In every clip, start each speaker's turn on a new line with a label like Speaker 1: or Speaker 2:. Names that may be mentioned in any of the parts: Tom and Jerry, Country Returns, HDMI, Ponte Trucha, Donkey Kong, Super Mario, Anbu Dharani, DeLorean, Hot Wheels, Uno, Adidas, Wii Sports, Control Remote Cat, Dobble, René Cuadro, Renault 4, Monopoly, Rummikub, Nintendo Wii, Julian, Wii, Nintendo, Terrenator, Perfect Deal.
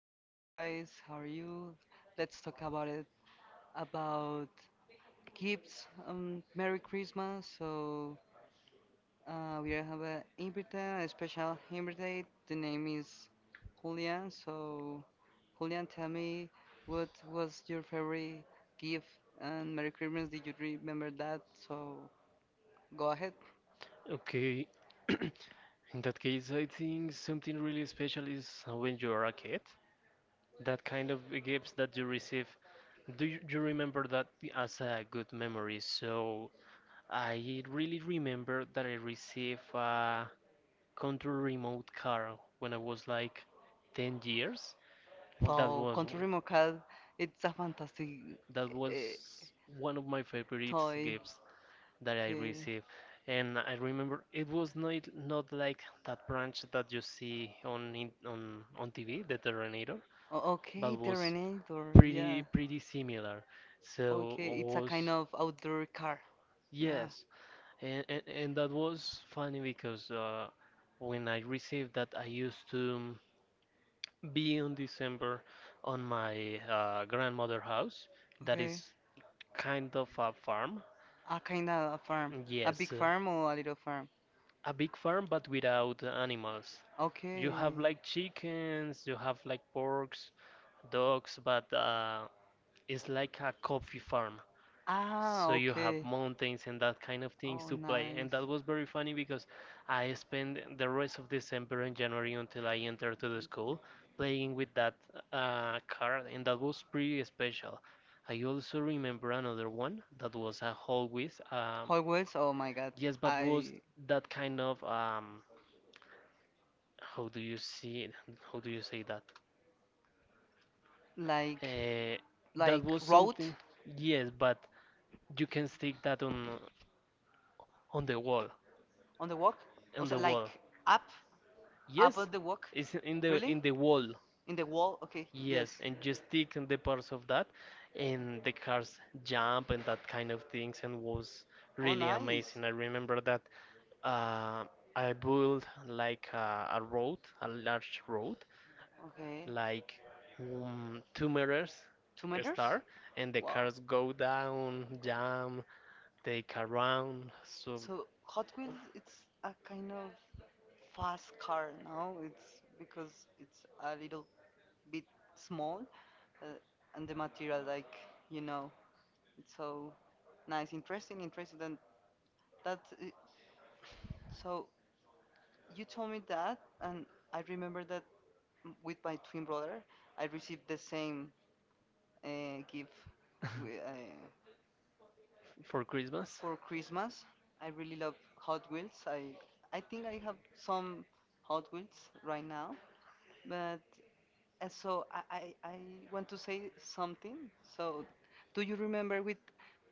Speaker 1: hello guys, how are you? Let's talk about gifts. Merry Christmas. So we have a invite, a special invite. The name is Julian. So Julian, tell me what was your favorite gift and Merry Christmas? Did you remember that? So go ahead.
Speaker 2: Okay, in that case, I think something really special is when you are a kid. That kind of gifts that you receive, you remember that as a good memory? So I really remember that I received a control remote car when I was like 10 years. That
Speaker 1: Wow,
Speaker 2: was
Speaker 1: Control Remote Cat, it's a fantastic
Speaker 2: that was
Speaker 1: uh,
Speaker 2: one of my favorite
Speaker 1: toy.
Speaker 2: gifts that I
Speaker 1: Okay.
Speaker 2: received. And I remember it was not like that branch that you see on on TV, the Terminator, but
Speaker 1: Okay,
Speaker 2: was
Speaker 1: Terrenator,
Speaker 2: pretty
Speaker 1: yeah.
Speaker 2: pretty similar. So
Speaker 1: Okay, it's a
Speaker 2: was
Speaker 1: kind of outdoor car. Yeah.
Speaker 2: yes, and that was funny because when I received that, I used to be in December on my grandmother house. That
Speaker 1: Okay.
Speaker 2: is kind of a farm.
Speaker 1: A kind of a farm. A big
Speaker 2: Yes,
Speaker 1: farm or a little farm?
Speaker 2: a big farm but without animals. You
Speaker 1: Okay.
Speaker 2: have like chickens, you have like porks, dogs, but it's like a coffee farm.
Speaker 1: Ah,
Speaker 2: So you have
Speaker 1: okay.
Speaker 2: mountains and that kind of things
Speaker 1: Oh,
Speaker 2: to play. And
Speaker 1: nice.
Speaker 2: that was very funny because I spent the rest of December and January until I entered to the school playing with that card, and that was pretty special. I also remember another one that was a Hot Wheels.
Speaker 1: Hot Wheels, oh my god.
Speaker 2: Yes, but was
Speaker 1: I
Speaker 2: that kind of how do you see it? How do you say that?
Speaker 1: like
Speaker 2: Uh, that
Speaker 1: like
Speaker 2: was
Speaker 1: road
Speaker 2: something. Yes, but you can stick that on the wall,
Speaker 1: on the walk.
Speaker 2: on
Speaker 1: Also
Speaker 2: the wall.
Speaker 1: like up on
Speaker 2: Yes,
Speaker 1: the walk.
Speaker 2: it's in the
Speaker 1: Really?
Speaker 2: in the wall.
Speaker 1: In the wall? Okay. Yes.
Speaker 2: Yes, and you stick in the parts of that, and the cars jump and that kind of things, and was
Speaker 1: Oh,
Speaker 2: really
Speaker 1: nice.
Speaker 2: amazing. I remember that. Uh, I built like a road, a large road,
Speaker 1: Okay.
Speaker 2: like 2 meters
Speaker 1: 2 meters?
Speaker 2: star, and the
Speaker 1: Wow.
Speaker 2: cars go down, jam, take around. So
Speaker 1: So Hot Wheels, it's a kind of fast car now. It's because it's a little bit small, uh, and the material, like you know, it's so nice, interesting, interesting. And that, so you told me that, and I remember that with my twin brother, I received the same gift. wi- uh,
Speaker 2: for Christmas.
Speaker 1: For Christmas, I really love Hot Wheels. I think I have some Hot Wheels right now, but so I want to say something. So, do you remember with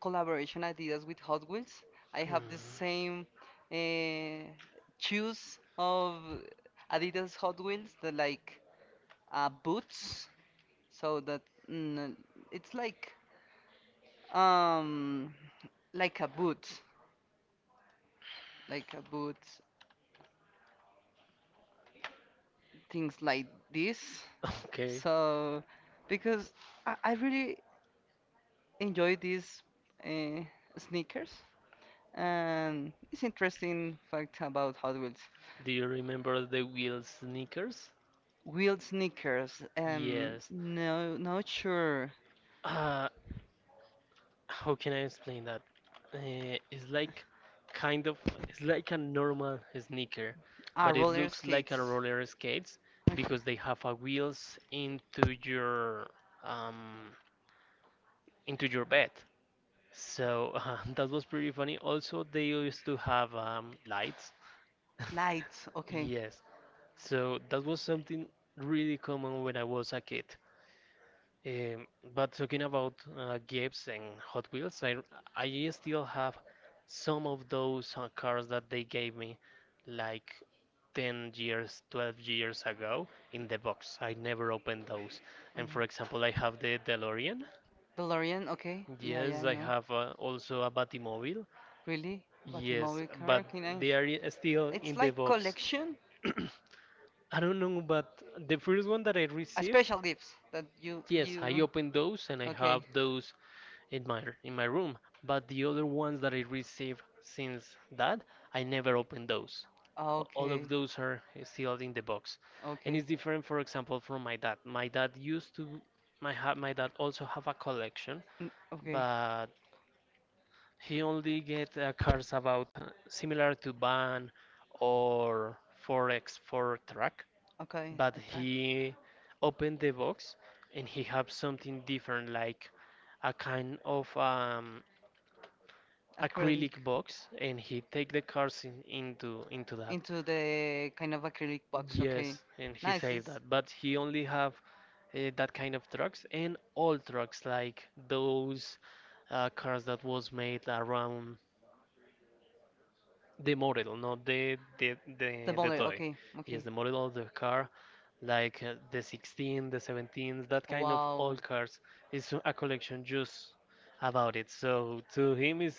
Speaker 1: collaboration ideas with Hot Wheels? I
Speaker 2: Hmm,
Speaker 1: have the same uh, shoes of Adidas Hot Wheels, the like boots. So that mm, it's um like a boot, like a boot things like this.
Speaker 2: okay.
Speaker 1: So, because I really enjoy these uh, sneakers, and it's interesting fact about Hot Wheels.
Speaker 2: Do you remember the wheel sneakers?
Speaker 1: Wheeled sneakers,
Speaker 2: Yes.
Speaker 1: no, not sure.
Speaker 2: Uh, how can I explain that? Uh, it's like kind of it's like a normal sneaker,
Speaker 1: Ah,
Speaker 2: but it
Speaker 1: roller
Speaker 2: looks like
Speaker 1: skates.
Speaker 2: a roller skates
Speaker 1: Okay.
Speaker 2: because they have a wheels um into your bed. So that was pretty funny. Also, they used to have lights.
Speaker 1: Lights, okay.
Speaker 2: Yes. So that was something really common when I was a kid. Um, but talking about games and Hot Wheels, I still have some of those cars that they gave me like 10 years, 12 years ago in the box. I never opened those. And
Speaker 1: Mhm.
Speaker 2: for example, I have the DeLorean.
Speaker 1: DeLorean, okay. Yeah, yeah,
Speaker 2: Yes,
Speaker 1: I
Speaker 2: I
Speaker 1: know.
Speaker 2: have also a Batimobile.
Speaker 1: Really? But a
Speaker 2: Yes,
Speaker 1: mobile car,
Speaker 2: but
Speaker 1: can I?
Speaker 2: they are still
Speaker 1: It's
Speaker 2: in the
Speaker 1: like
Speaker 2: box.
Speaker 1: collection?
Speaker 2: I don't know, but the first one that I
Speaker 1: A
Speaker 2: received,
Speaker 1: special gifts that you
Speaker 2: yes, I
Speaker 1: you.
Speaker 2: opened those and I
Speaker 1: Okay.
Speaker 2: have those in my room, but the other ones that I received since that, I never opened those. All
Speaker 1: Okay.
Speaker 2: of those are still in the box, and
Speaker 1: Okay.
Speaker 2: it's different, for example, from my dad. My dad used to My dad also have a collection,
Speaker 1: Mm, okay.
Speaker 2: but he only get cards about similar to Ban or 4x4 track,
Speaker 1: Okay.
Speaker 2: but
Speaker 1: A track.
Speaker 2: he opened the box and he have something different like a kind of acrylic
Speaker 1: Acrylic.
Speaker 2: box and he take the cars in, into that.
Speaker 1: Into the kind of acrylic box. Okay.
Speaker 2: Yes, and he
Speaker 1: Nice.
Speaker 2: saved
Speaker 1: It's
Speaker 2: that, but he only have that kind of trucks and all trucks like those cars that was made around the model, not
Speaker 1: the
Speaker 2: the
Speaker 1: model.
Speaker 2: toy.
Speaker 1: Okay.
Speaker 2: Yes,
Speaker 1: Okay.
Speaker 2: the model of the car, like the 16, the 17, that kind of
Speaker 1: Wow.
Speaker 2: old cars. It's a collection just about it. So to him is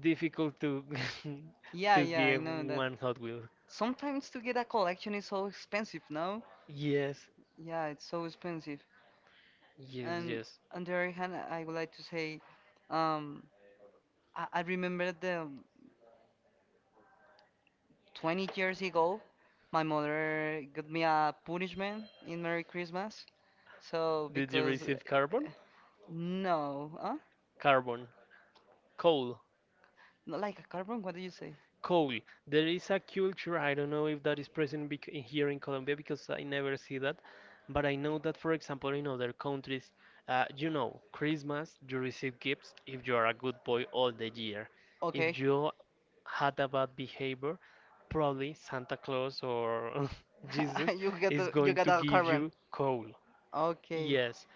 Speaker 2: difficult to
Speaker 1: Yeah,
Speaker 2: to
Speaker 1: yeah, I
Speaker 2: give
Speaker 1: know that.
Speaker 2: one Hot Wheel.
Speaker 1: Sometimes to get a collection is so expensive, no?
Speaker 2: Yes,
Speaker 1: Yeah, it's so expensive. And
Speaker 2: yes.
Speaker 1: on the other hand, I would like to say, um, I remember the 20 years ago, my mother got me a punishment in Merry Christmas. So
Speaker 2: Did you
Speaker 1: because
Speaker 2: receive carbon?
Speaker 1: no, huh?
Speaker 2: Carbon, coal,
Speaker 1: Not like a carbon. What did you say?
Speaker 2: coal. There is a culture. I don't know if that is present bec in here in Colombia because I never see that, but I know that, for example, in other countries, you know, Christmas you receive gifts if you are a good boy all the year.
Speaker 1: Okay,
Speaker 2: If you had a bad behavior, probably Santa Claus or Jesus
Speaker 1: you get
Speaker 2: is going to
Speaker 1: a
Speaker 2: give
Speaker 1: carbon.
Speaker 2: you coal.
Speaker 1: Okay,
Speaker 2: Yes,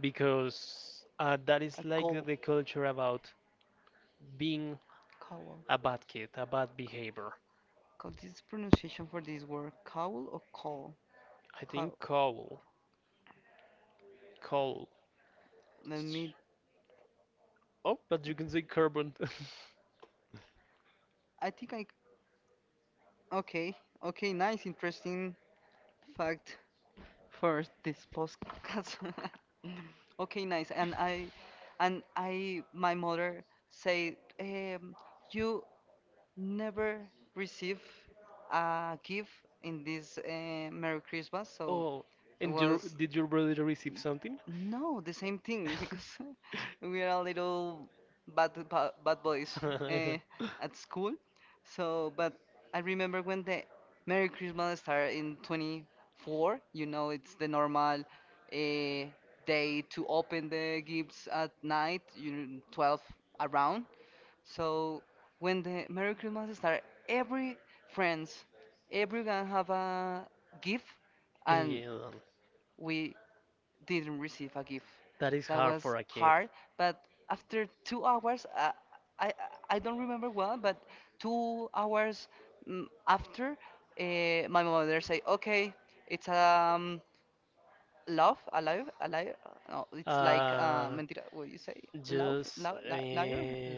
Speaker 2: because that
Speaker 1: a
Speaker 2: is like
Speaker 1: coal.
Speaker 2: the culture about being
Speaker 1: Coal.
Speaker 2: a bad kid, a bad behavior.
Speaker 1: Cause this pronunciation for this word, cowl or call?
Speaker 2: I
Speaker 1: Cowl.
Speaker 2: think coal.
Speaker 1: Let me.
Speaker 2: Oh, but you can say carbon.
Speaker 1: I think I. Okay. Okay. Nice. Interesting fact for this podcast. okay. Nice. And I, my mother said, you never receive a gift in this Merry Christmas. So
Speaker 2: Oh,
Speaker 1: it
Speaker 2: and
Speaker 1: was
Speaker 2: did your brother receive something?
Speaker 1: no, the same thing because we are a little bad boys uh, at school. So, but I remember when the Merry Christmas started in 24. You know, it's the normal day to open the gifts at night. You know, 12 around. So when the Merry Christmas started, every friends, everyone have a gift, and
Speaker 2: Yeah,
Speaker 1: we didn't receive a gift.
Speaker 2: that is
Speaker 1: That
Speaker 2: hard for
Speaker 1: was
Speaker 2: a kid.
Speaker 1: hard, but after 2 hours, I I don't remember well, but 2 hours after, my mother say, okay, it's love, alive, alive. No, it's like
Speaker 2: Uh,
Speaker 1: mentira. What you say? Love,
Speaker 2: just
Speaker 1: love, liar.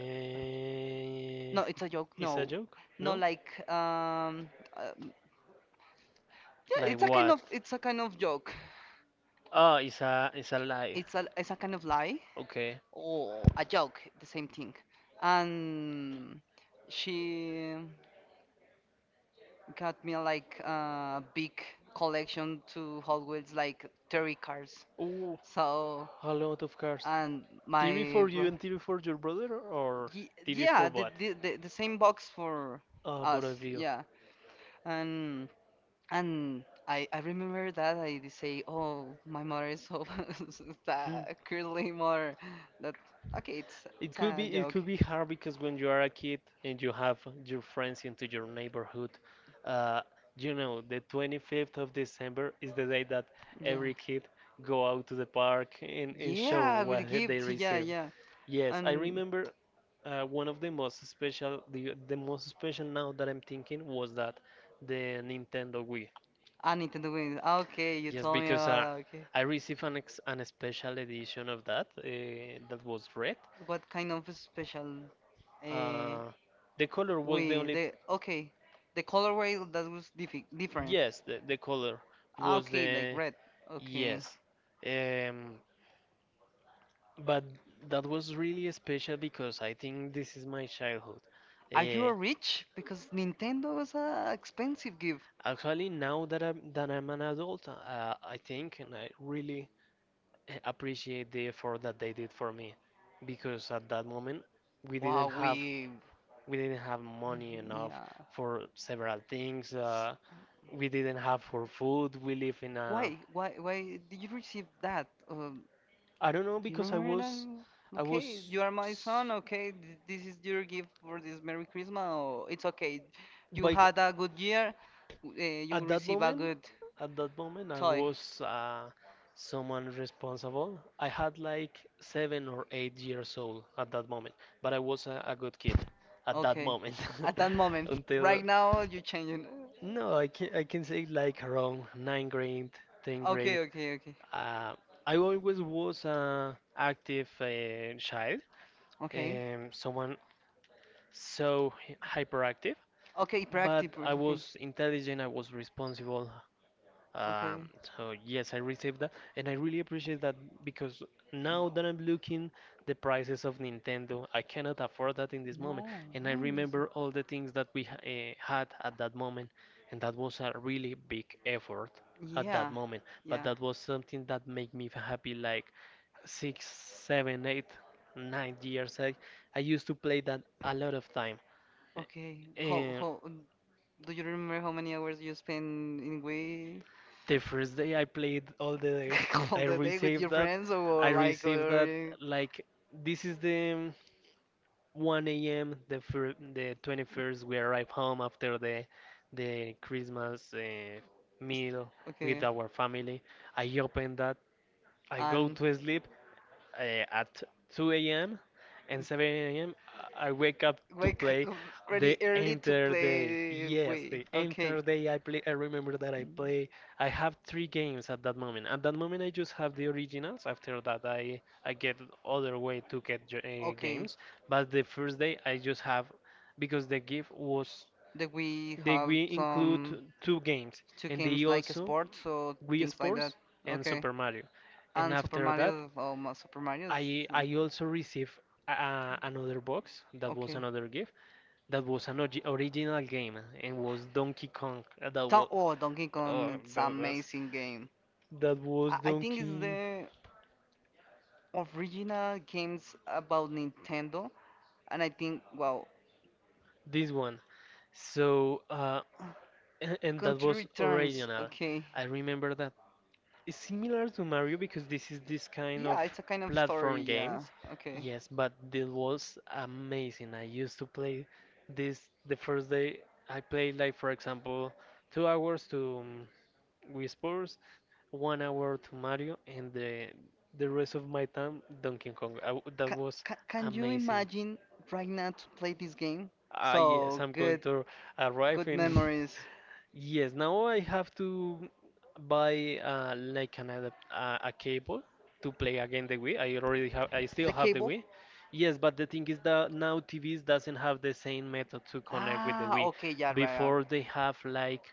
Speaker 1: No, it's a joke.
Speaker 2: it's a
Speaker 1: No,
Speaker 2: joke,
Speaker 1: no,
Speaker 2: no?
Speaker 1: like um yeah,
Speaker 2: Like
Speaker 1: it's a kind
Speaker 2: what?
Speaker 1: of joke.
Speaker 2: Oh, it's a lie.
Speaker 1: It's a kind of lie
Speaker 2: Okay.
Speaker 1: or a joke, the same thing. And she got me like a big collection to Hot Wheels, like 30 cars.
Speaker 2: Ooh,
Speaker 1: So,
Speaker 2: a lot of cars.
Speaker 1: and
Speaker 2: Theory
Speaker 1: my
Speaker 2: for you
Speaker 1: bro.
Speaker 2: and theory for your brother, or theory
Speaker 1: Yeah,
Speaker 2: for what?
Speaker 1: the same box for
Speaker 2: Both
Speaker 1: us.
Speaker 2: of you.
Speaker 1: Yeah, and and I remember that I did say, oh, my mother is so
Speaker 2: Hmm.
Speaker 1: that curly mother. That okay, it's it's a
Speaker 2: It
Speaker 1: joke.
Speaker 2: could be hard because when you are a kid and you have your friends into your neighborhood, uh, you know the 25th of December is the day that
Speaker 1: Yeah.
Speaker 2: every kid go out to the park and show
Speaker 1: Yeah, would you
Speaker 2: what they
Speaker 1: give yeah,
Speaker 2: received.
Speaker 1: yeah.
Speaker 2: Yes, I
Speaker 1: And
Speaker 2: remember one of the most special now that I'm thinking was that the Nintendo Wii.
Speaker 1: I need to okay, you
Speaker 2: Yes,
Speaker 1: told me
Speaker 2: because
Speaker 1: about that. Okay.
Speaker 2: I received an special edition of that that was red.
Speaker 1: What kind of special uh
Speaker 2: Uh, the color was the
Speaker 1: we
Speaker 2: only.
Speaker 1: the okay. The colorway that was diffi different.
Speaker 2: Yes, the color
Speaker 1: Ah,
Speaker 2: was
Speaker 1: okay, like
Speaker 2: the.
Speaker 1: red. Okay.
Speaker 2: Yes. Um, but that was really special because I think this is my childhood.
Speaker 1: Are you
Speaker 2: Uh,
Speaker 1: a rich? Because Nintendo was a expensive gift.
Speaker 2: Actually, now that I'm an adult, I think and I really appreciate the effort that they did for me, because at that moment we didn't
Speaker 1: Wow,
Speaker 2: have.
Speaker 1: we
Speaker 2: We didn't have money enough
Speaker 1: yeah.
Speaker 2: for several things. We didn't have for food. We live in a
Speaker 1: Why? Why? Why did you receive that?
Speaker 2: I don't know
Speaker 1: Do you
Speaker 2: because
Speaker 1: remember that?
Speaker 2: I
Speaker 1: Okay,
Speaker 2: was
Speaker 1: you are my
Speaker 2: s-
Speaker 1: son. Okay, this is your gift for this Merry Christmas. Or it's okay. You
Speaker 2: like
Speaker 1: had a good year. You will
Speaker 2: at that
Speaker 1: receive a
Speaker 2: moment,
Speaker 1: good
Speaker 2: at that moment, I
Speaker 1: toy.
Speaker 2: was someone responsible. I had like 7 or 8 years old at that moment, but I was a good kid at that
Speaker 1: Okay.
Speaker 2: moment.
Speaker 1: At that moment.
Speaker 2: Until
Speaker 1: Right now, you're changing.
Speaker 2: no, I can say like around ninth grade, tenth
Speaker 1: Okay,
Speaker 2: grade.
Speaker 1: okay, okay.
Speaker 2: Uh, I always was an active child,
Speaker 1: Okay.
Speaker 2: someone so hy- hyperactive,
Speaker 1: Okay,
Speaker 2: but
Speaker 1: practice.
Speaker 2: I
Speaker 1: Okay.
Speaker 2: was intelligent, I was responsible.
Speaker 1: Okay.
Speaker 2: Um, so yes, I received that, and I really appreciate that because now that I'm looking the prices of Nintendo, I cannot afford that in this moment,
Speaker 1: No,
Speaker 2: and I
Speaker 1: man.
Speaker 2: remember all the things that we had at that moment, and that was a really big effort at that
Speaker 1: Yeah,
Speaker 2: moment. But
Speaker 1: yeah.
Speaker 2: that was something that made me happy, like six, seven, eight, 9 years. I used to play that a lot of time
Speaker 1: Okay. How
Speaker 2: and
Speaker 1: how do you remember how many hours you spend in way
Speaker 2: the first day I played all the day.
Speaker 1: all
Speaker 2: I
Speaker 1: the day with
Speaker 2: received
Speaker 1: your
Speaker 2: that.
Speaker 1: friends
Speaker 2: I
Speaker 1: or like
Speaker 2: received
Speaker 1: or
Speaker 2: that like this is the 1 a.m. The 21st. We arrive home after the Christmas meal with
Speaker 1: okay.
Speaker 2: our family. I open that. I go
Speaker 1: And
Speaker 2: to sleep at 2 a.m. and 7 a.m. I wake up to
Speaker 1: wake
Speaker 2: play
Speaker 1: up really
Speaker 2: the
Speaker 1: early to
Speaker 2: entire day.
Speaker 1: play
Speaker 2: Yes,
Speaker 1: Wii.
Speaker 2: the
Speaker 1: Okay.
Speaker 2: entire day I play. I remember that I
Speaker 1: Mm.
Speaker 2: play. I have three games at that moment. At that moment, I just have the originals. After that, I get other way to get
Speaker 1: Okay.
Speaker 2: games. But the first day, I just have because the gift was
Speaker 1: The Wii
Speaker 2: they
Speaker 1: have
Speaker 2: we include
Speaker 1: some.
Speaker 2: two games
Speaker 1: Two
Speaker 2: and they
Speaker 1: games like a
Speaker 2: also
Speaker 1: sport, so
Speaker 2: Wii
Speaker 1: things like that.
Speaker 2: Sports and
Speaker 1: Okay.
Speaker 2: Super Mario. And
Speaker 1: And Super
Speaker 2: after that.
Speaker 1: Mario, oh, Super Mario is
Speaker 2: I also received another box that was
Speaker 1: okay.
Speaker 2: another gift that was original game and was Donkey Kong. That
Speaker 1: Don
Speaker 2: was
Speaker 1: oh, Donkey
Speaker 2: oh
Speaker 1: Kong, it's an
Speaker 2: that was
Speaker 1: amazing game.
Speaker 2: that was
Speaker 1: I think it's
Speaker 2: Donkey
Speaker 1: the original games about Nintendo, and I think wow,
Speaker 2: this one. So uh and that
Speaker 1: Country
Speaker 2: was
Speaker 1: Returns,
Speaker 2: original.
Speaker 1: okay.
Speaker 2: I remember that it's similar to Mario because this is this kind of
Speaker 1: Yeah, it's a kind of
Speaker 2: platform
Speaker 1: story,
Speaker 2: games.
Speaker 1: yeah. Okay.
Speaker 2: Yes, but this was amazing. I used to play this the first day. I played like for example 2 hours to Wii Sports, 1 hour to Mario, and the rest of my time Donkey Kong. I w that
Speaker 1: Ca
Speaker 2: was
Speaker 1: ca can you
Speaker 2: amazing.
Speaker 1: imagine right now to play this game?
Speaker 2: Ah yes,
Speaker 1: So
Speaker 2: I'm going
Speaker 1: good,
Speaker 2: to arrive
Speaker 1: good now
Speaker 2: in.
Speaker 1: memories. To
Speaker 2: Yes, now I have to buy like an adapt a cable to play again the Wii. I still
Speaker 1: The
Speaker 2: have the
Speaker 1: cable?
Speaker 2: Wii. Yes, but the thing is that now TVs doesn't have the same method to connect with the
Speaker 1: Ah,
Speaker 2: Wii.
Speaker 1: okay, yeah, right.
Speaker 2: Before
Speaker 1: Right.
Speaker 2: they have like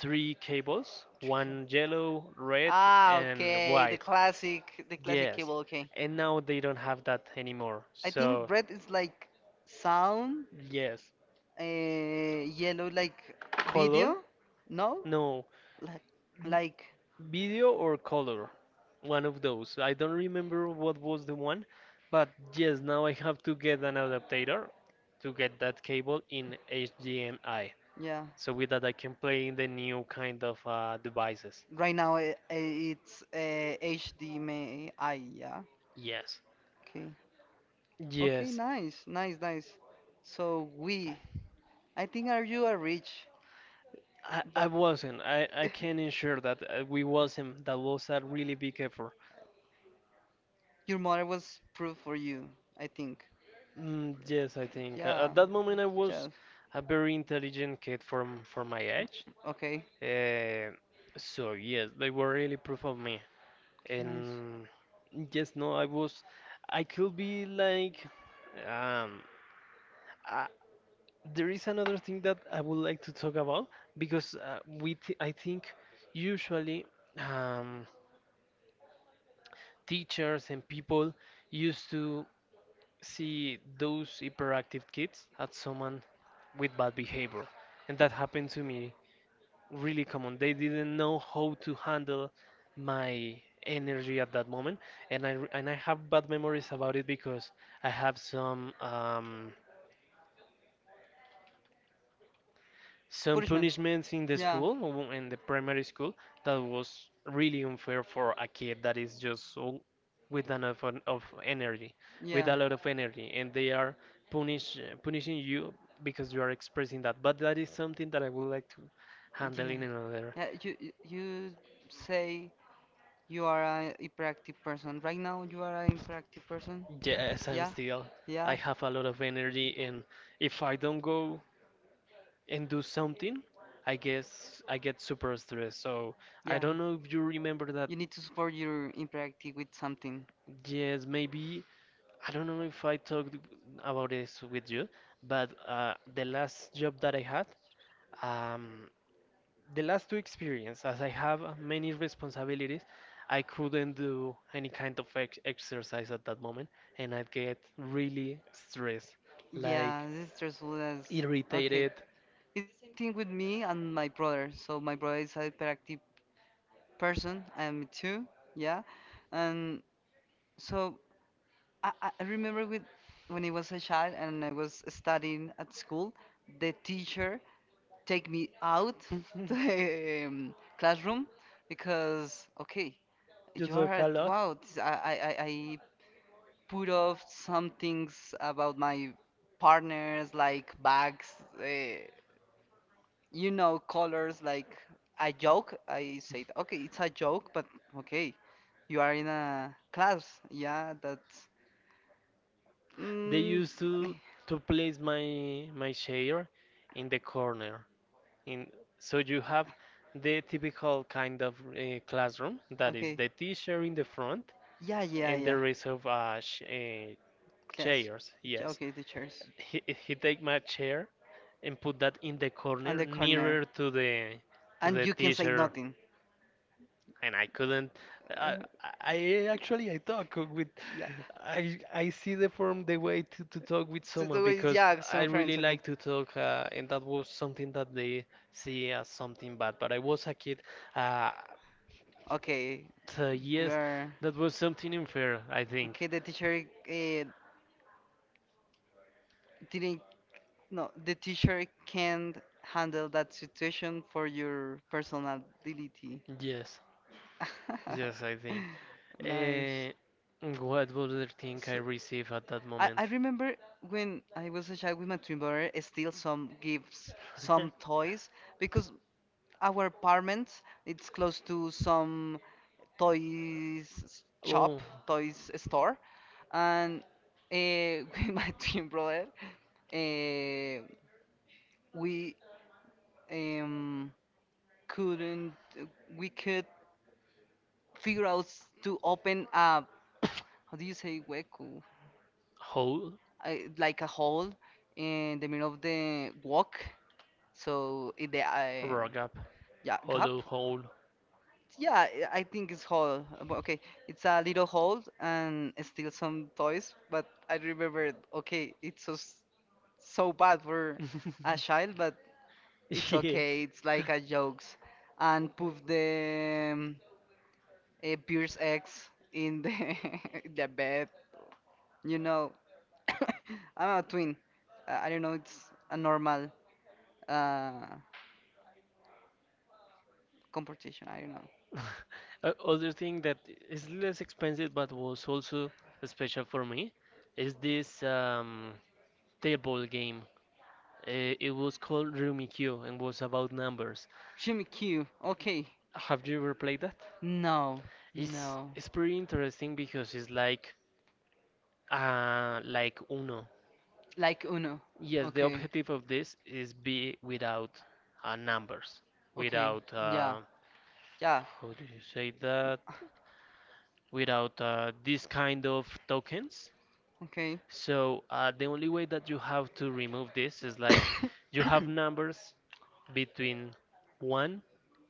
Speaker 2: three cables,
Speaker 1: Tricky.
Speaker 2: one
Speaker 1: One
Speaker 2: yellow, red,
Speaker 1: ah,
Speaker 2: and
Speaker 1: okay, the one
Speaker 2: white.
Speaker 1: classic, the classic yeah.
Speaker 2: Yes,
Speaker 1: Cable. Okay,
Speaker 2: and now they don't have that anymore.
Speaker 1: I think so
Speaker 2: So
Speaker 1: red is like sound,
Speaker 2: yes,
Speaker 1: yellow like color,
Speaker 2: color?
Speaker 1: video. No, no,
Speaker 2: No,
Speaker 1: like,
Speaker 2: video or color? One of those. I don't remember what was the one, but yes, now I have to get an adapter to get that cable in HDMI
Speaker 1: yeah.
Speaker 2: so with that I can play in the new kind of devices.
Speaker 1: Right now it's HDMI, yeah.
Speaker 2: Yes.
Speaker 1: Okay. Okay,
Speaker 2: Yes.
Speaker 1: nice, nice, nice. So we, I think are you a rich
Speaker 2: I
Speaker 1: that
Speaker 2: wasn't. I can ensure that we wasn't. That was a really big effort.
Speaker 1: your mother was proof for you, I think.
Speaker 2: Mm, yes, I think.
Speaker 1: Yeah.
Speaker 2: At that moment, I was
Speaker 1: Yeah.
Speaker 2: a very intelligent kid for my age.
Speaker 1: Okay.
Speaker 2: Uh, so, yes, they were really proof of me.
Speaker 1: Okay, nice.
Speaker 2: And yes, no, I could be like, um, uh, there is another thing that I would like to talk about because we, th I think usually um, teachers and people used to see those hyperactive kids as someone with bad behavior, and that happened to me really common. They didn't know how to handle my energy at that moment, and I have bad memories about it because I have some
Speaker 1: Punishment.
Speaker 2: punishments in the
Speaker 1: Yeah.
Speaker 2: school, in the primary school, that was really unfair for a kid that is just so with enough of energy, with
Speaker 1: Yeah.
Speaker 2: a lot of energy, and they are punishing you because you are expressing that. But that is something that I would like to handle
Speaker 1: Yeah.
Speaker 2: in another.
Speaker 1: Yeah, you say you are a hyperactive person. Right now, you are a hyperactive person.
Speaker 2: Yes, I'm
Speaker 1: Yeah,
Speaker 2: still. I
Speaker 1: yeah,
Speaker 2: have a lot of energy, and if I don't go and do something, I guess I get super stressed. So I
Speaker 1: yeah.
Speaker 2: don't know if you remember that.
Speaker 1: You need to support your hyperactive with something.
Speaker 2: Yes, maybe. I don't know if I talked about this with you, but the last job that I had, um, the last two experience, as I have many responsibilities, I couldn't do any kind of ex exercise at that moment, and I'd get really stressed,
Speaker 1: Yeah,
Speaker 2: like
Speaker 1: this is stressful as. Okay.
Speaker 2: irritated.
Speaker 1: It's the same thing with me and my brother. So my brother is a hyperactive person. I am too. Yeah. And so I remember with when I was a child and I was studying at school, the teacher take me out the classroom because okay
Speaker 2: You
Speaker 1: you are
Speaker 2: talk a lot.
Speaker 1: wow I put off some things about my partners like bags uh, you know colors like a joke I said okay it's a joke but okay you are in a class yeah that's
Speaker 2: They
Speaker 1: mm,
Speaker 2: used to place my chair in the corner. In so you have the typical kind of classroom that is
Speaker 1: okay
Speaker 2: the teacher in the front
Speaker 1: yeah yeah
Speaker 2: and
Speaker 1: yeah
Speaker 2: the rest of sh
Speaker 1: class
Speaker 2: chairs. Yes,
Speaker 1: okay the chairs
Speaker 2: he take my chair and put that in the
Speaker 1: on
Speaker 2: corner
Speaker 1: the corner,
Speaker 2: nearer to the to
Speaker 1: and
Speaker 2: the
Speaker 1: you can say
Speaker 2: teacher.
Speaker 1: nothing.
Speaker 2: And I couldn't.
Speaker 1: Uh,
Speaker 2: I, I actually I talk with
Speaker 1: yeah.
Speaker 2: I see the way to talk with
Speaker 1: So
Speaker 2: someone
Speaker 1: the way,
Speaker 2: because
Speaker 1: yeah,
Speaker 2: I
Speaker 1: some
Speaker 2: really
Speaker 1: friends, okay.
Speaker 2: like to talk and that was something that they see as something bad. But I was a kid. Uh,
Speaker 1: Okay,
Speaker 2: so
Speaker 1: you
Speaker 2: yes,
Speaker 1: are.
Speaker 2: that was something unfair. I
Speaker 1: Okay,
Speaker 2: think.
Speaker 1: the teacher uh, didn't. No, the teacher can't handle that situation for your personality.
Speaker 2: Yes, yes, I think.
Speaker 1: nice.
Speaker 2: Uh, what other thing I
Speaker 1: So
Speaker 2: receive at that
Speaker 1: I,
Speaker 2: moment?
Speaker 1: I remember when I was a child with my twin brother, still some gifts, some toys, because our apartment it's close to some toys shop,
Speaker 2: Oh,
Speaker 1: toys store, and with my twin brother, uh, we um, couldn't, we could figure out to open a, how do you say, hueco,
Speaker 2: hole.
Speaker 1: like a hole in the middle of the walk so in the
Speaker 2: Rock up.
Speaker 1: yeah gap,
Speaker 2: Hollow hole.
Speaker 1: yeah, I think it's hole. But okay, it's a little hole and still some toys. But I remember, okay, it's so so bad for a child, but it's
Speaker 2: Yes.
Speaker 1: okay. It's like a jokes, and put the a Pierce X in the in the bed. You know, I'm a twin. I don't know. It's a normal uh composition. I don't know.
Speaker 2: Other thing that is less expensive but was also special for me is this table game. It was called Rummikub and was about numbers.
Speaker 1: Jimmy Q. Okay.
Speaker 2: Have you ever played that?
Speaker 1: No,
Speaker 2: It's
Speaker 1: no.
Speaker 2: it's pretty interesting because it's like Uno.
Speaker 1: Like Uno.
Speaker 2: Yes, the
Speaker 1: Okay,
Speaker 2: objective of this is be without numbers,
Speaker 1: okay,
Speaker 2: without
Speaker 1: yeah, yeah,
Speaker 2: how do you say that without these kind of tokens?
Speaker 1: okay.
Speaker 2: So the only way that you have to remove this is like you have numbers between 1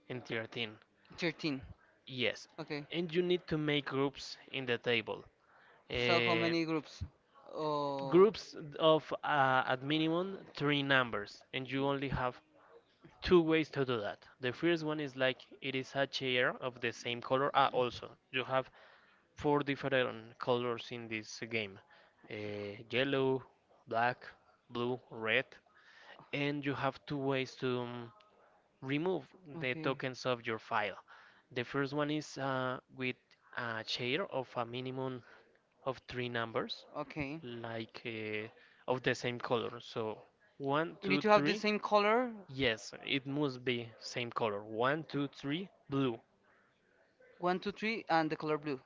Speaker 2: and 13.
Speaker 1: 13,
Speaker 2: Yes.
Speaker 1: okay.
Speaker 2: And you need to make groups in the table.
Speaker 1: So how
Speaker 2: Uh,
Speaker 1: many groups? Oh,
Speaker 2: groups of at minimum three numbers. And you only have two ways to do that. The first one is like it is a chair of the same color. Ah, also, you have four different colors in this game, yellow, black, blue, red, and you have two ways to remove the
Speaker 1: okay,
Speaker 2: tokens of your file. The first one is with a share of a minimum of three numbers,
Speaker 1: okay.
Speaker 2: like of the same color. So one,
Speaker 1: You need
Speaker 2: two,
Speaker 1: to have the
Speaker 2: three.
Speaker 1: same color,
Speaker 2: Yes, it must be same color. One, two, three, blue.
Speaker 1: one, two, three, and the color blue.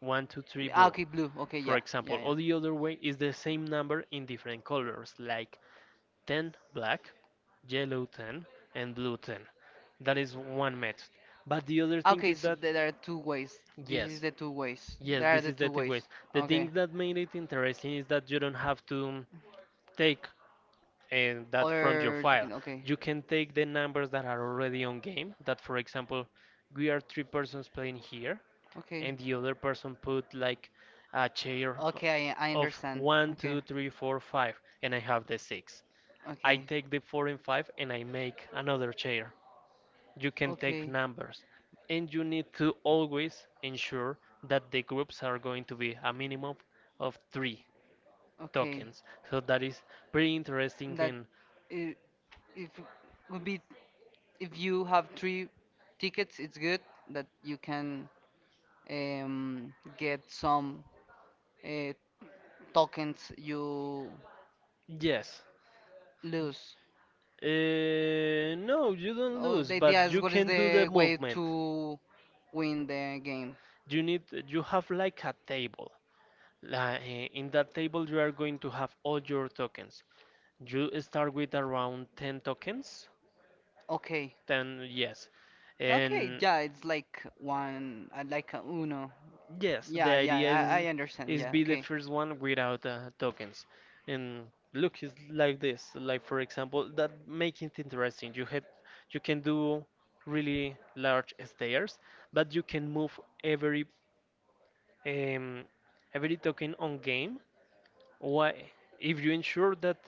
Speaker 2: One, two, three blue.
Speaker 1: Okay, blue. Okay,
Speaker 2: For
Speaker 1: for
Speaker 2: example,
Speaker 1: yeah,
Speaker 2: or the other way is the same number in different colors, like 10 black, yellow 10, and blue 10. That is one method. But the other thing is that,
Speaker 1: there are two ways. This yes, is
Speaker 2: yes,
Speaker 1: the two ways.
Speaker 2: yes, this is the two ways.
Speaker 1: two
Speaker 2: The thing that made it interesting is that you don't have to take that from your file.
Speaker 1: second. Okay.
Speaker 2: You can take the numbers that are already on game, that, for example, we are three persons playing here,
Speaker 1: Okay.
Speaker 2: and the other person put like a chair
Speaker 1: Okay, I so
Speaker 2: of
Speaker 1: understand.
Speaker 2: one, two, three, four, five, and I have the six. I take the four and five and I make another chair. You can take numbers, and you need to always ensure that the groups are going to be a minimum of three
Speaker 1: Okay.
Speaker 2: tokens. So that is pretty interesting.
Speaker 1: That
Speaker 2: And
Speaker 1: i- if would be if you have three tickets, it's good that you can um, get some uh, tokens you
Speaker 2: yes,
Speaker 1: lose.
Speaker 2: uh, no, you don't
Speaker 1: Oh,
Speaker 2: lose,
Speaker 1: the
Speaker 2: but
Speaker 1: idea is
Speaker 2: you
Speaker 1: what is
Speaker 2: can do the
Speaker 1: the way
Speaker 2: movement.
Speaker 1: to win the game.
Speaker 2: You have like a table. In that table, you are going to have all your tokens. You start with around 10 tokens.
Speaker 1: Okay.
Speaker 2: 10, yes.
Speaker 1: Okay,
Speaker 2: And
Speaker 1: yeah, it's like one, like a Uno.
Speaker 2: yes, the
Speaker 1: Yeah, yeah,
Speaker 2: idea
Speaker 1: I,
Speaker 2: is
Speaker 1: I understand.
Speaker 2: is
Speaker 1: Yeah,
Speaker 2: be the
Speaker 1: okay.
Speaker 2: first one without tokens. And look, it's like this. Like, for example, that make it interesting. You can do really large stairs, but you can move every um, every token on game. Why, if you ensure that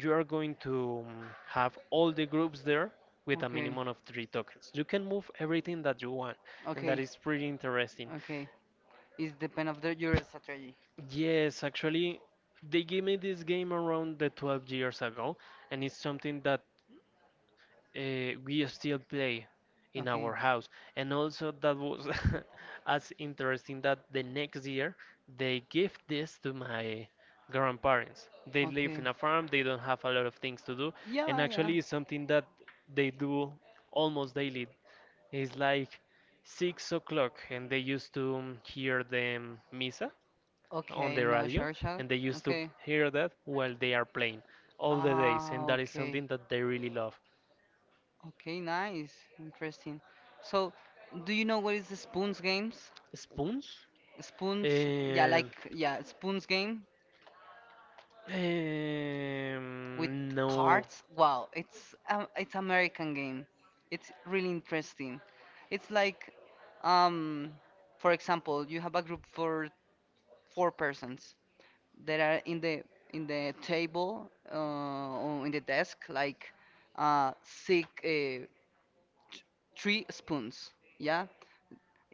Speaker 2: you are going to have all the groups there with a
Speaker 1: Okay.
Speaker 2: minimum of three tokens, you can move everything that you want, and that
Speaker 1: Okay.
Speaker 2: is pretty interesting.
Speaker 1: Okay. It's depend of the, your strategy.
Speaker 2: Yes, actually, they gave me this game around the 12 years ago, and it's something that we still play in
Speaker 1: Okay.
Speaker 2: our house. And also, that was as interesting that the next year they give this to my grandparents. They live
Speaker 1: Okay.
Speaker 2: in a farm, they don't have a lot of things to do, and
Speaker 1: Yeah, yeah.
Speaker 2: actually, it's something that they do almost daily. It's like 6 o'clock, and they used to hear the misa on
Speaker 1: Okay,
Speaker 2: the
Speaker 1: no
Speaker 2: radio,
Speaker 1: Georgia.
Speaker 2: and they used to
Speaker 1: Okay.
Speaker 2: hear that while they are playing all the days, and
Speaker 1: Ah,
Speaker 2: that is
Speaker 1: okay.
Speaker 2: something that they really love.
Speaker 1: Okay, nice. Interesting. So, do you know what is the spoons games?
Speaker 2: Spoons?
Speaker 1: Spoons? Yeah,
Speaker 2: And,
Speaker 1: like yeah, spoons game. With
Speaker 2: no.
Speaker 1: cards. Wow, it's American game. It's really interesting. It's like, um, for example, you have a group for four persons that are in the table or in the desk, like six, three spoons. Yeah,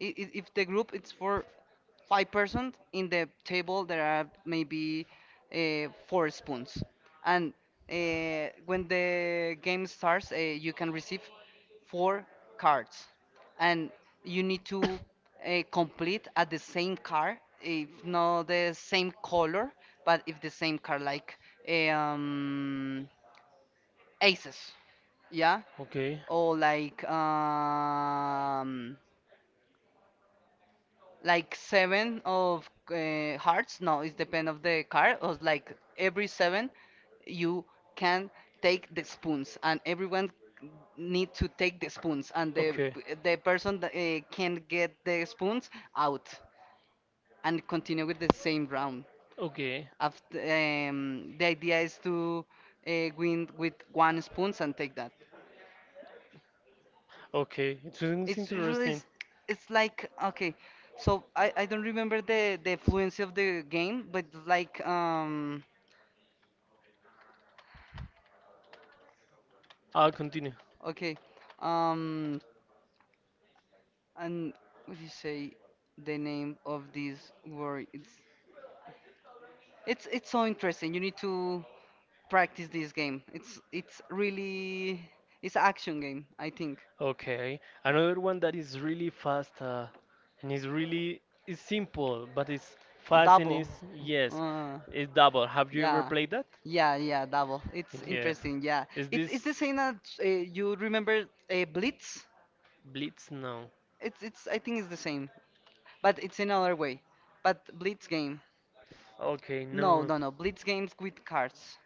Speaker 1: if the group it's for five persons in the table there are maybe four spoons and when the game starts you can receive four cards and you need to complete at the same card. If not the same color but if the same card, like eh, um, aces yeah
Speaker 2: Okay.
Speaker 1: or like seven of hearts. No, it's depend of the card. Or like every seven, you can take the spoons, and everyone need to take the spoons, and the
Speaker 2: Okay.
Speaker 1: person that can get the spoons out and continue with the same round.
Speaker 2: Okay.
Speaker 1: After, the idea is to win with one spoons and take that.
Speaker 2: Okay. It seems
Speaker 1: It's it really
Speaker 2: interesting.
Speaker 1: it's like okay, so I don't remember the fluency of the game, but like
Speaker 2: I'll continue.
Speaker 1: okay um and what do you say the name of this word? It's so interesting. You need to practice this game. It's really it's an action game, I think.
Speaker 2: Okay, another one that is really fast and is simple, but it's fast and
Speaker 1: Double.
Speaker 2: is,
Speaker 1: Uh,
Speaker 2: yes,
Speaker 1: Have
Speaker 2: it's double. Have
Speaker 1: you ever
Speaker 2: you ever
Speaker 1: yeah. Played
Speaker 2: played
Speaker 1: that?
Speaker 2: that?
Speaker 1: Yeah, yeah, double. It's
Speaker 2: Yes.
Speaker 1: interesting. Yeah,
Speaker 2: Is
Speaker 1: it it's is. It's the
Speaker 2: this
Speaker 1: same as you remember Blitz.
Speaker 2: Blitz? No.
Speaker 1: It's I think it's the same, but it's another way. But Blitz game. Okay.
Speaker 2: Okay,
Speaker 1: No,
Speaker 2: no.
Speaker 1: no, no. Blitz games with cards.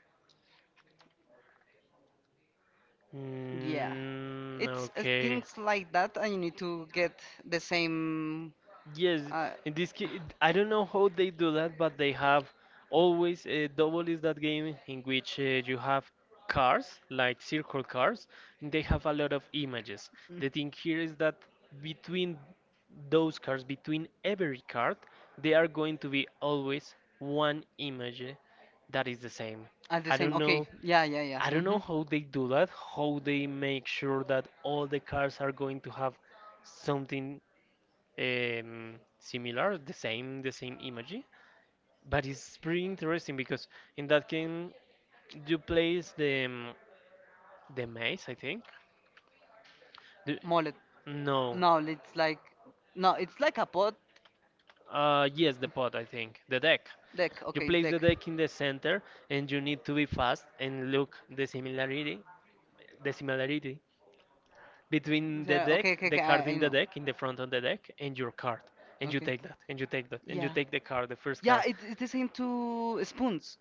Speaker 1: Yeah,
Speaker 2: Mm,
Speaker 1: it's okay.
Speaker 2: okay.
Speaker 1: Things like that, and you need to get the same. Yes,
Speaker 2: Yes, in
Speaker 1: In
Speaker 2: this
Speaker 1: this case,
Speaker 2: case,
Speaker 1: I
Speaker 2: I don't
Speaker 1: don't
Speaker 2: know
Speaker 1: know how
Speaker 2: how they do
Speaker 1: that,
Speaker 2: that,
Speaker 1: but
Speaker 2: but they
Speaker 1: they have
Speaker 2: have always,
Speaker 1: double
Speaker 2: double
Speaker 1: is
Speaker 2: is
Speaker 1: that
Speaker 2: that
Speaker 1: game
Speaker 2: game
Speaker 1: in
Speaker 2: in
Speaker 1: which
Speaker 2: which you have
Speaker 1: cars,
Speaker 2: cars, like circle cars, and
Speaker 1: like
Speaker 2: they have a lot of images.
Speaker 1: mm.
Speaker 2: The thing here is that between those cars, between every card, there are going to be always one image that is the same.
Speaker 1: Are the
Speaker 2: I
Speaker 1: same.
Speaker 2: don't
Speaker 1: Okay.
Speaker 2: know.
Speaker 1: Yeah, yeah, yeah.
Speaker 2: I don't
Speaker 1: Hmm
Speaker 2: know how they do that, how they make sure that all the cars are going to have something similar, the same, image, but it's pretty interesting because in that game you place the maze, I think. The,
Speaker 1: mullet.
Speaker 2: no,
Speaker 1: No, it's like no, it's like a pod
Speaker 2: uh, yes, the pot, I think. The deck.
Speaker 1: deck.
Speaker 2: You
Speaker 1: Okay,
Speaker 2: place the
Speaker 1: deck.
Speaker 2: deck in the center and you need to be fast and look the similarity between the
Speaker 1: Yeah. Okay.
Speaker 2: deck,
Speaker 1: Okay.
Speaker 2: the
Speaker 1: Okay.
Speaker 2: card
Speaker 1: I
Speaker 2: in the
Speaker 1: know.
Speaker 2: deck, in the front of the deck, and your card. And you
Speaker 1: Okay.
Speaker 2: take that, and you take that, and you
Speaker 1: Yeah.
Speaker 2: take the card, the first
Speaker 1: Yeah,
Speaker 2: card.
Speaker 1: it is into spoons,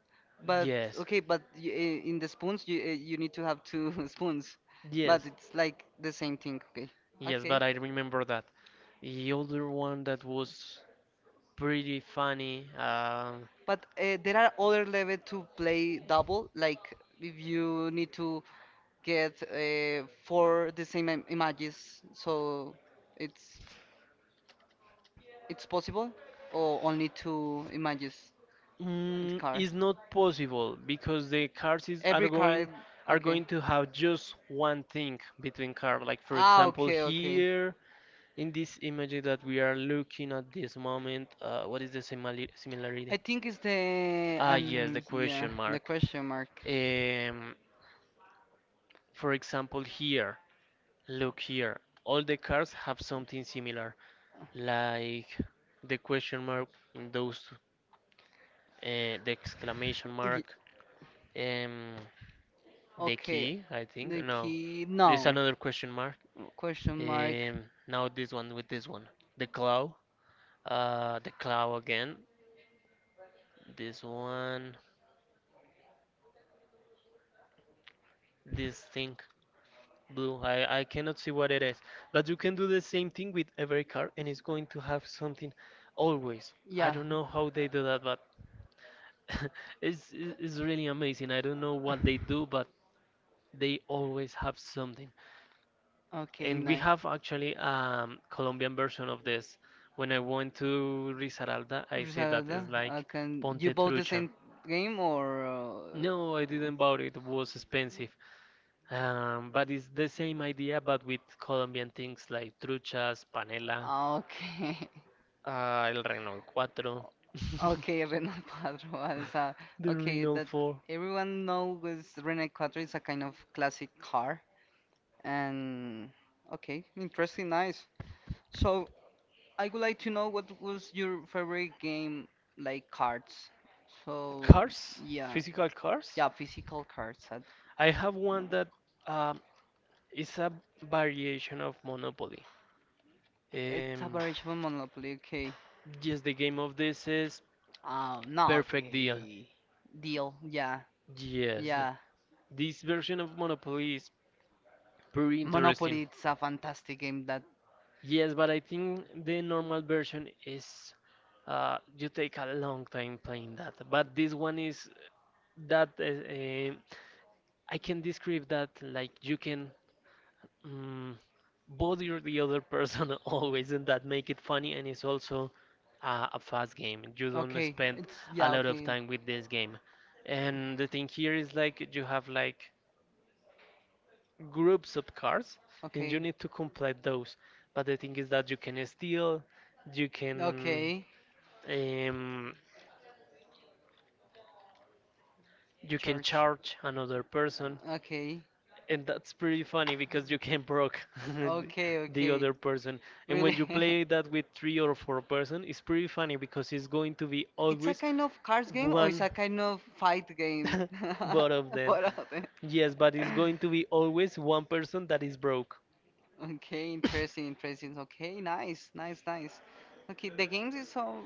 Speaker 1: but
Speaker 2: Yes.
Speaker 1: okay, but in the spoons you you need to have two spoons, but
Speaker 2: Yes.
Speaker 1: it's like the same thing. Okay,
Speaker 2: Yes,
Speaker 1: okay.
Speaker 2: but I remember that. The other one that was pretty funny. Um,
Speaker 1: But there are other level to play double, like if you need to get four the same im images, so it's it's possible, or only two images at
Speaker 2: mm,
Speaker 1: car.
Speaker 2: is not possible because the cars are
Speaker 1: Every car,
Speaker 2: going are
Speaker 1: okay.
Speaker 2: going to have just one thing between car. Like, for
Speaker 1: Ah,
Speaker 2: example,
Speaker 1: okay, okay.
Speaker 2: here in this image that we are looking at this moment, what is the simili similarity?
Speaker 1: I think it's the
Speaker 2: Ah, yes, the
Speaker 1: and yeah,
Speaker 2: question
Speaker 1: the
Speaker 2: mark.
Speaker 1: question mark.
Speaker 2: Um, for example, here, look here. All the cars have something similar, like the question mark, those, the exclamation
Speaker 1: Ye-
Speaker 2: mark, um, the
Speaker 1: okay,
Speaker 2: key, I think.
Speaker 1: the
Speaker 2: No,
Speaker 1: key.
Speaker 2: there's
Speaker 1: No,
Speaker 2: another question mark.
Speaker 1: question mark.
Speaker 2: Now this one with this one, the claw, the claw again. This one, this thing, blue. I cannot see what it is, but you can do the same thing with every card, and it's going to have something always. I
Speaker 1: Yeah.
Speaker 2: don't know how they do that, but it's really amazing. I don't know what they do, but they always have something.
Speaker 1: Okay,
Speaker 2: And we
Speaker 1: nice.
Speaker 2: have actually a Colombian version of this. When I went to Risaralda, I said that
Speaker 1: Risaralda,
Speaker 2: it's like
Speaker 1: can you
Speaker 2: Ponte
Speaker 1: bought the
Speaker 2: Trucha.
Speaker 1: same game or?
Speaker 2: No, I didn't buy it, it was expensive. But it's the same idea, but with Colombian things like truchas, panela,
Speaker 1: Ah, okay,
Speaker 2: el Renault 4,
Speaker 1: okay, René Cuadro. As a,
Speaker 2: the
Speaker 1: okay,
Speaker 2: Renault
Speaker 1: that
Speaker 2: 4.
Speaker 1: everyone knows René Cuadro is a kind of classic car, and okay, interesting, nice. So I would like to know what was your favorite game, like cards. So
Speaker 2: Cars,
Speaker 1: yeah,
Speaker 2: physical cars.
Speaker 1: yeah, physical cards.
Speaker 2: I have one that um, is a variation of Monopoly.
Speaker 1: It's a
Speaker 2: Um,
Speaker 1: variation of Monopoly. Okay,
Speaker 2: yes, the game of this is
Speaker 1: Um,
Speaker 2: Perfect Deal.
Speaker 1: eh, deal. Yeah,
Speaker 2: Yes,
Speaker 1: yeah.
Speaker 2: this version of Monopoly is pretty interesting.
Speaker 1: It's a fantastic game. That
Speaker 2: Yes, but I think the normal version is, you take a long time playing that. But this one is that I can describe that like you can mm, both the other person always, and that make it funny. And it's also a fast game. You don't spend a lot of time with this game. And the thing here is like you
Speaker 1: when
Speaker 2: have like groups of cards, and you need to
Speaker 1: you
Speaker 2: complete those. But the thing is that you can steal, you can
Speaker 1: okay.
Speaker 2: um, you can charge another person.
Speaker 1: Okay.
Speaker 2: And that's pretty funny because you can proc
Speaker 1: Okay.
Speaker 2: the
Speaker 1: The
Speaker 2: other person. And when you play that with three or four-person, it's pretty funny because it's going to be
Speaker 1: it's a
Speaker 2: always
Speaker 1: kind of cards game or it's
Speaker 2: one
Speaker 1: a kind of fight game?
Speaker 2: both of them.
Speaker 1: What are they?
Speaker 2: Yes, but it's going to be always one person that is broke.
Speaker 1: Okay, interesting, interesting. Okay, nice, nice, nice. Okay, the games is so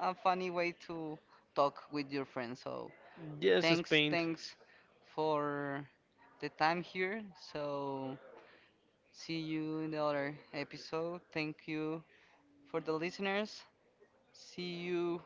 Speaker 1: a funny way to talk with your friends. So
Speaker 2: Yes,
Speaker 1: thanks,
Speaker 2: Spain.
Speaker 1: thanks for the time here. So see you in the other episode. Thank you for the listeners. See you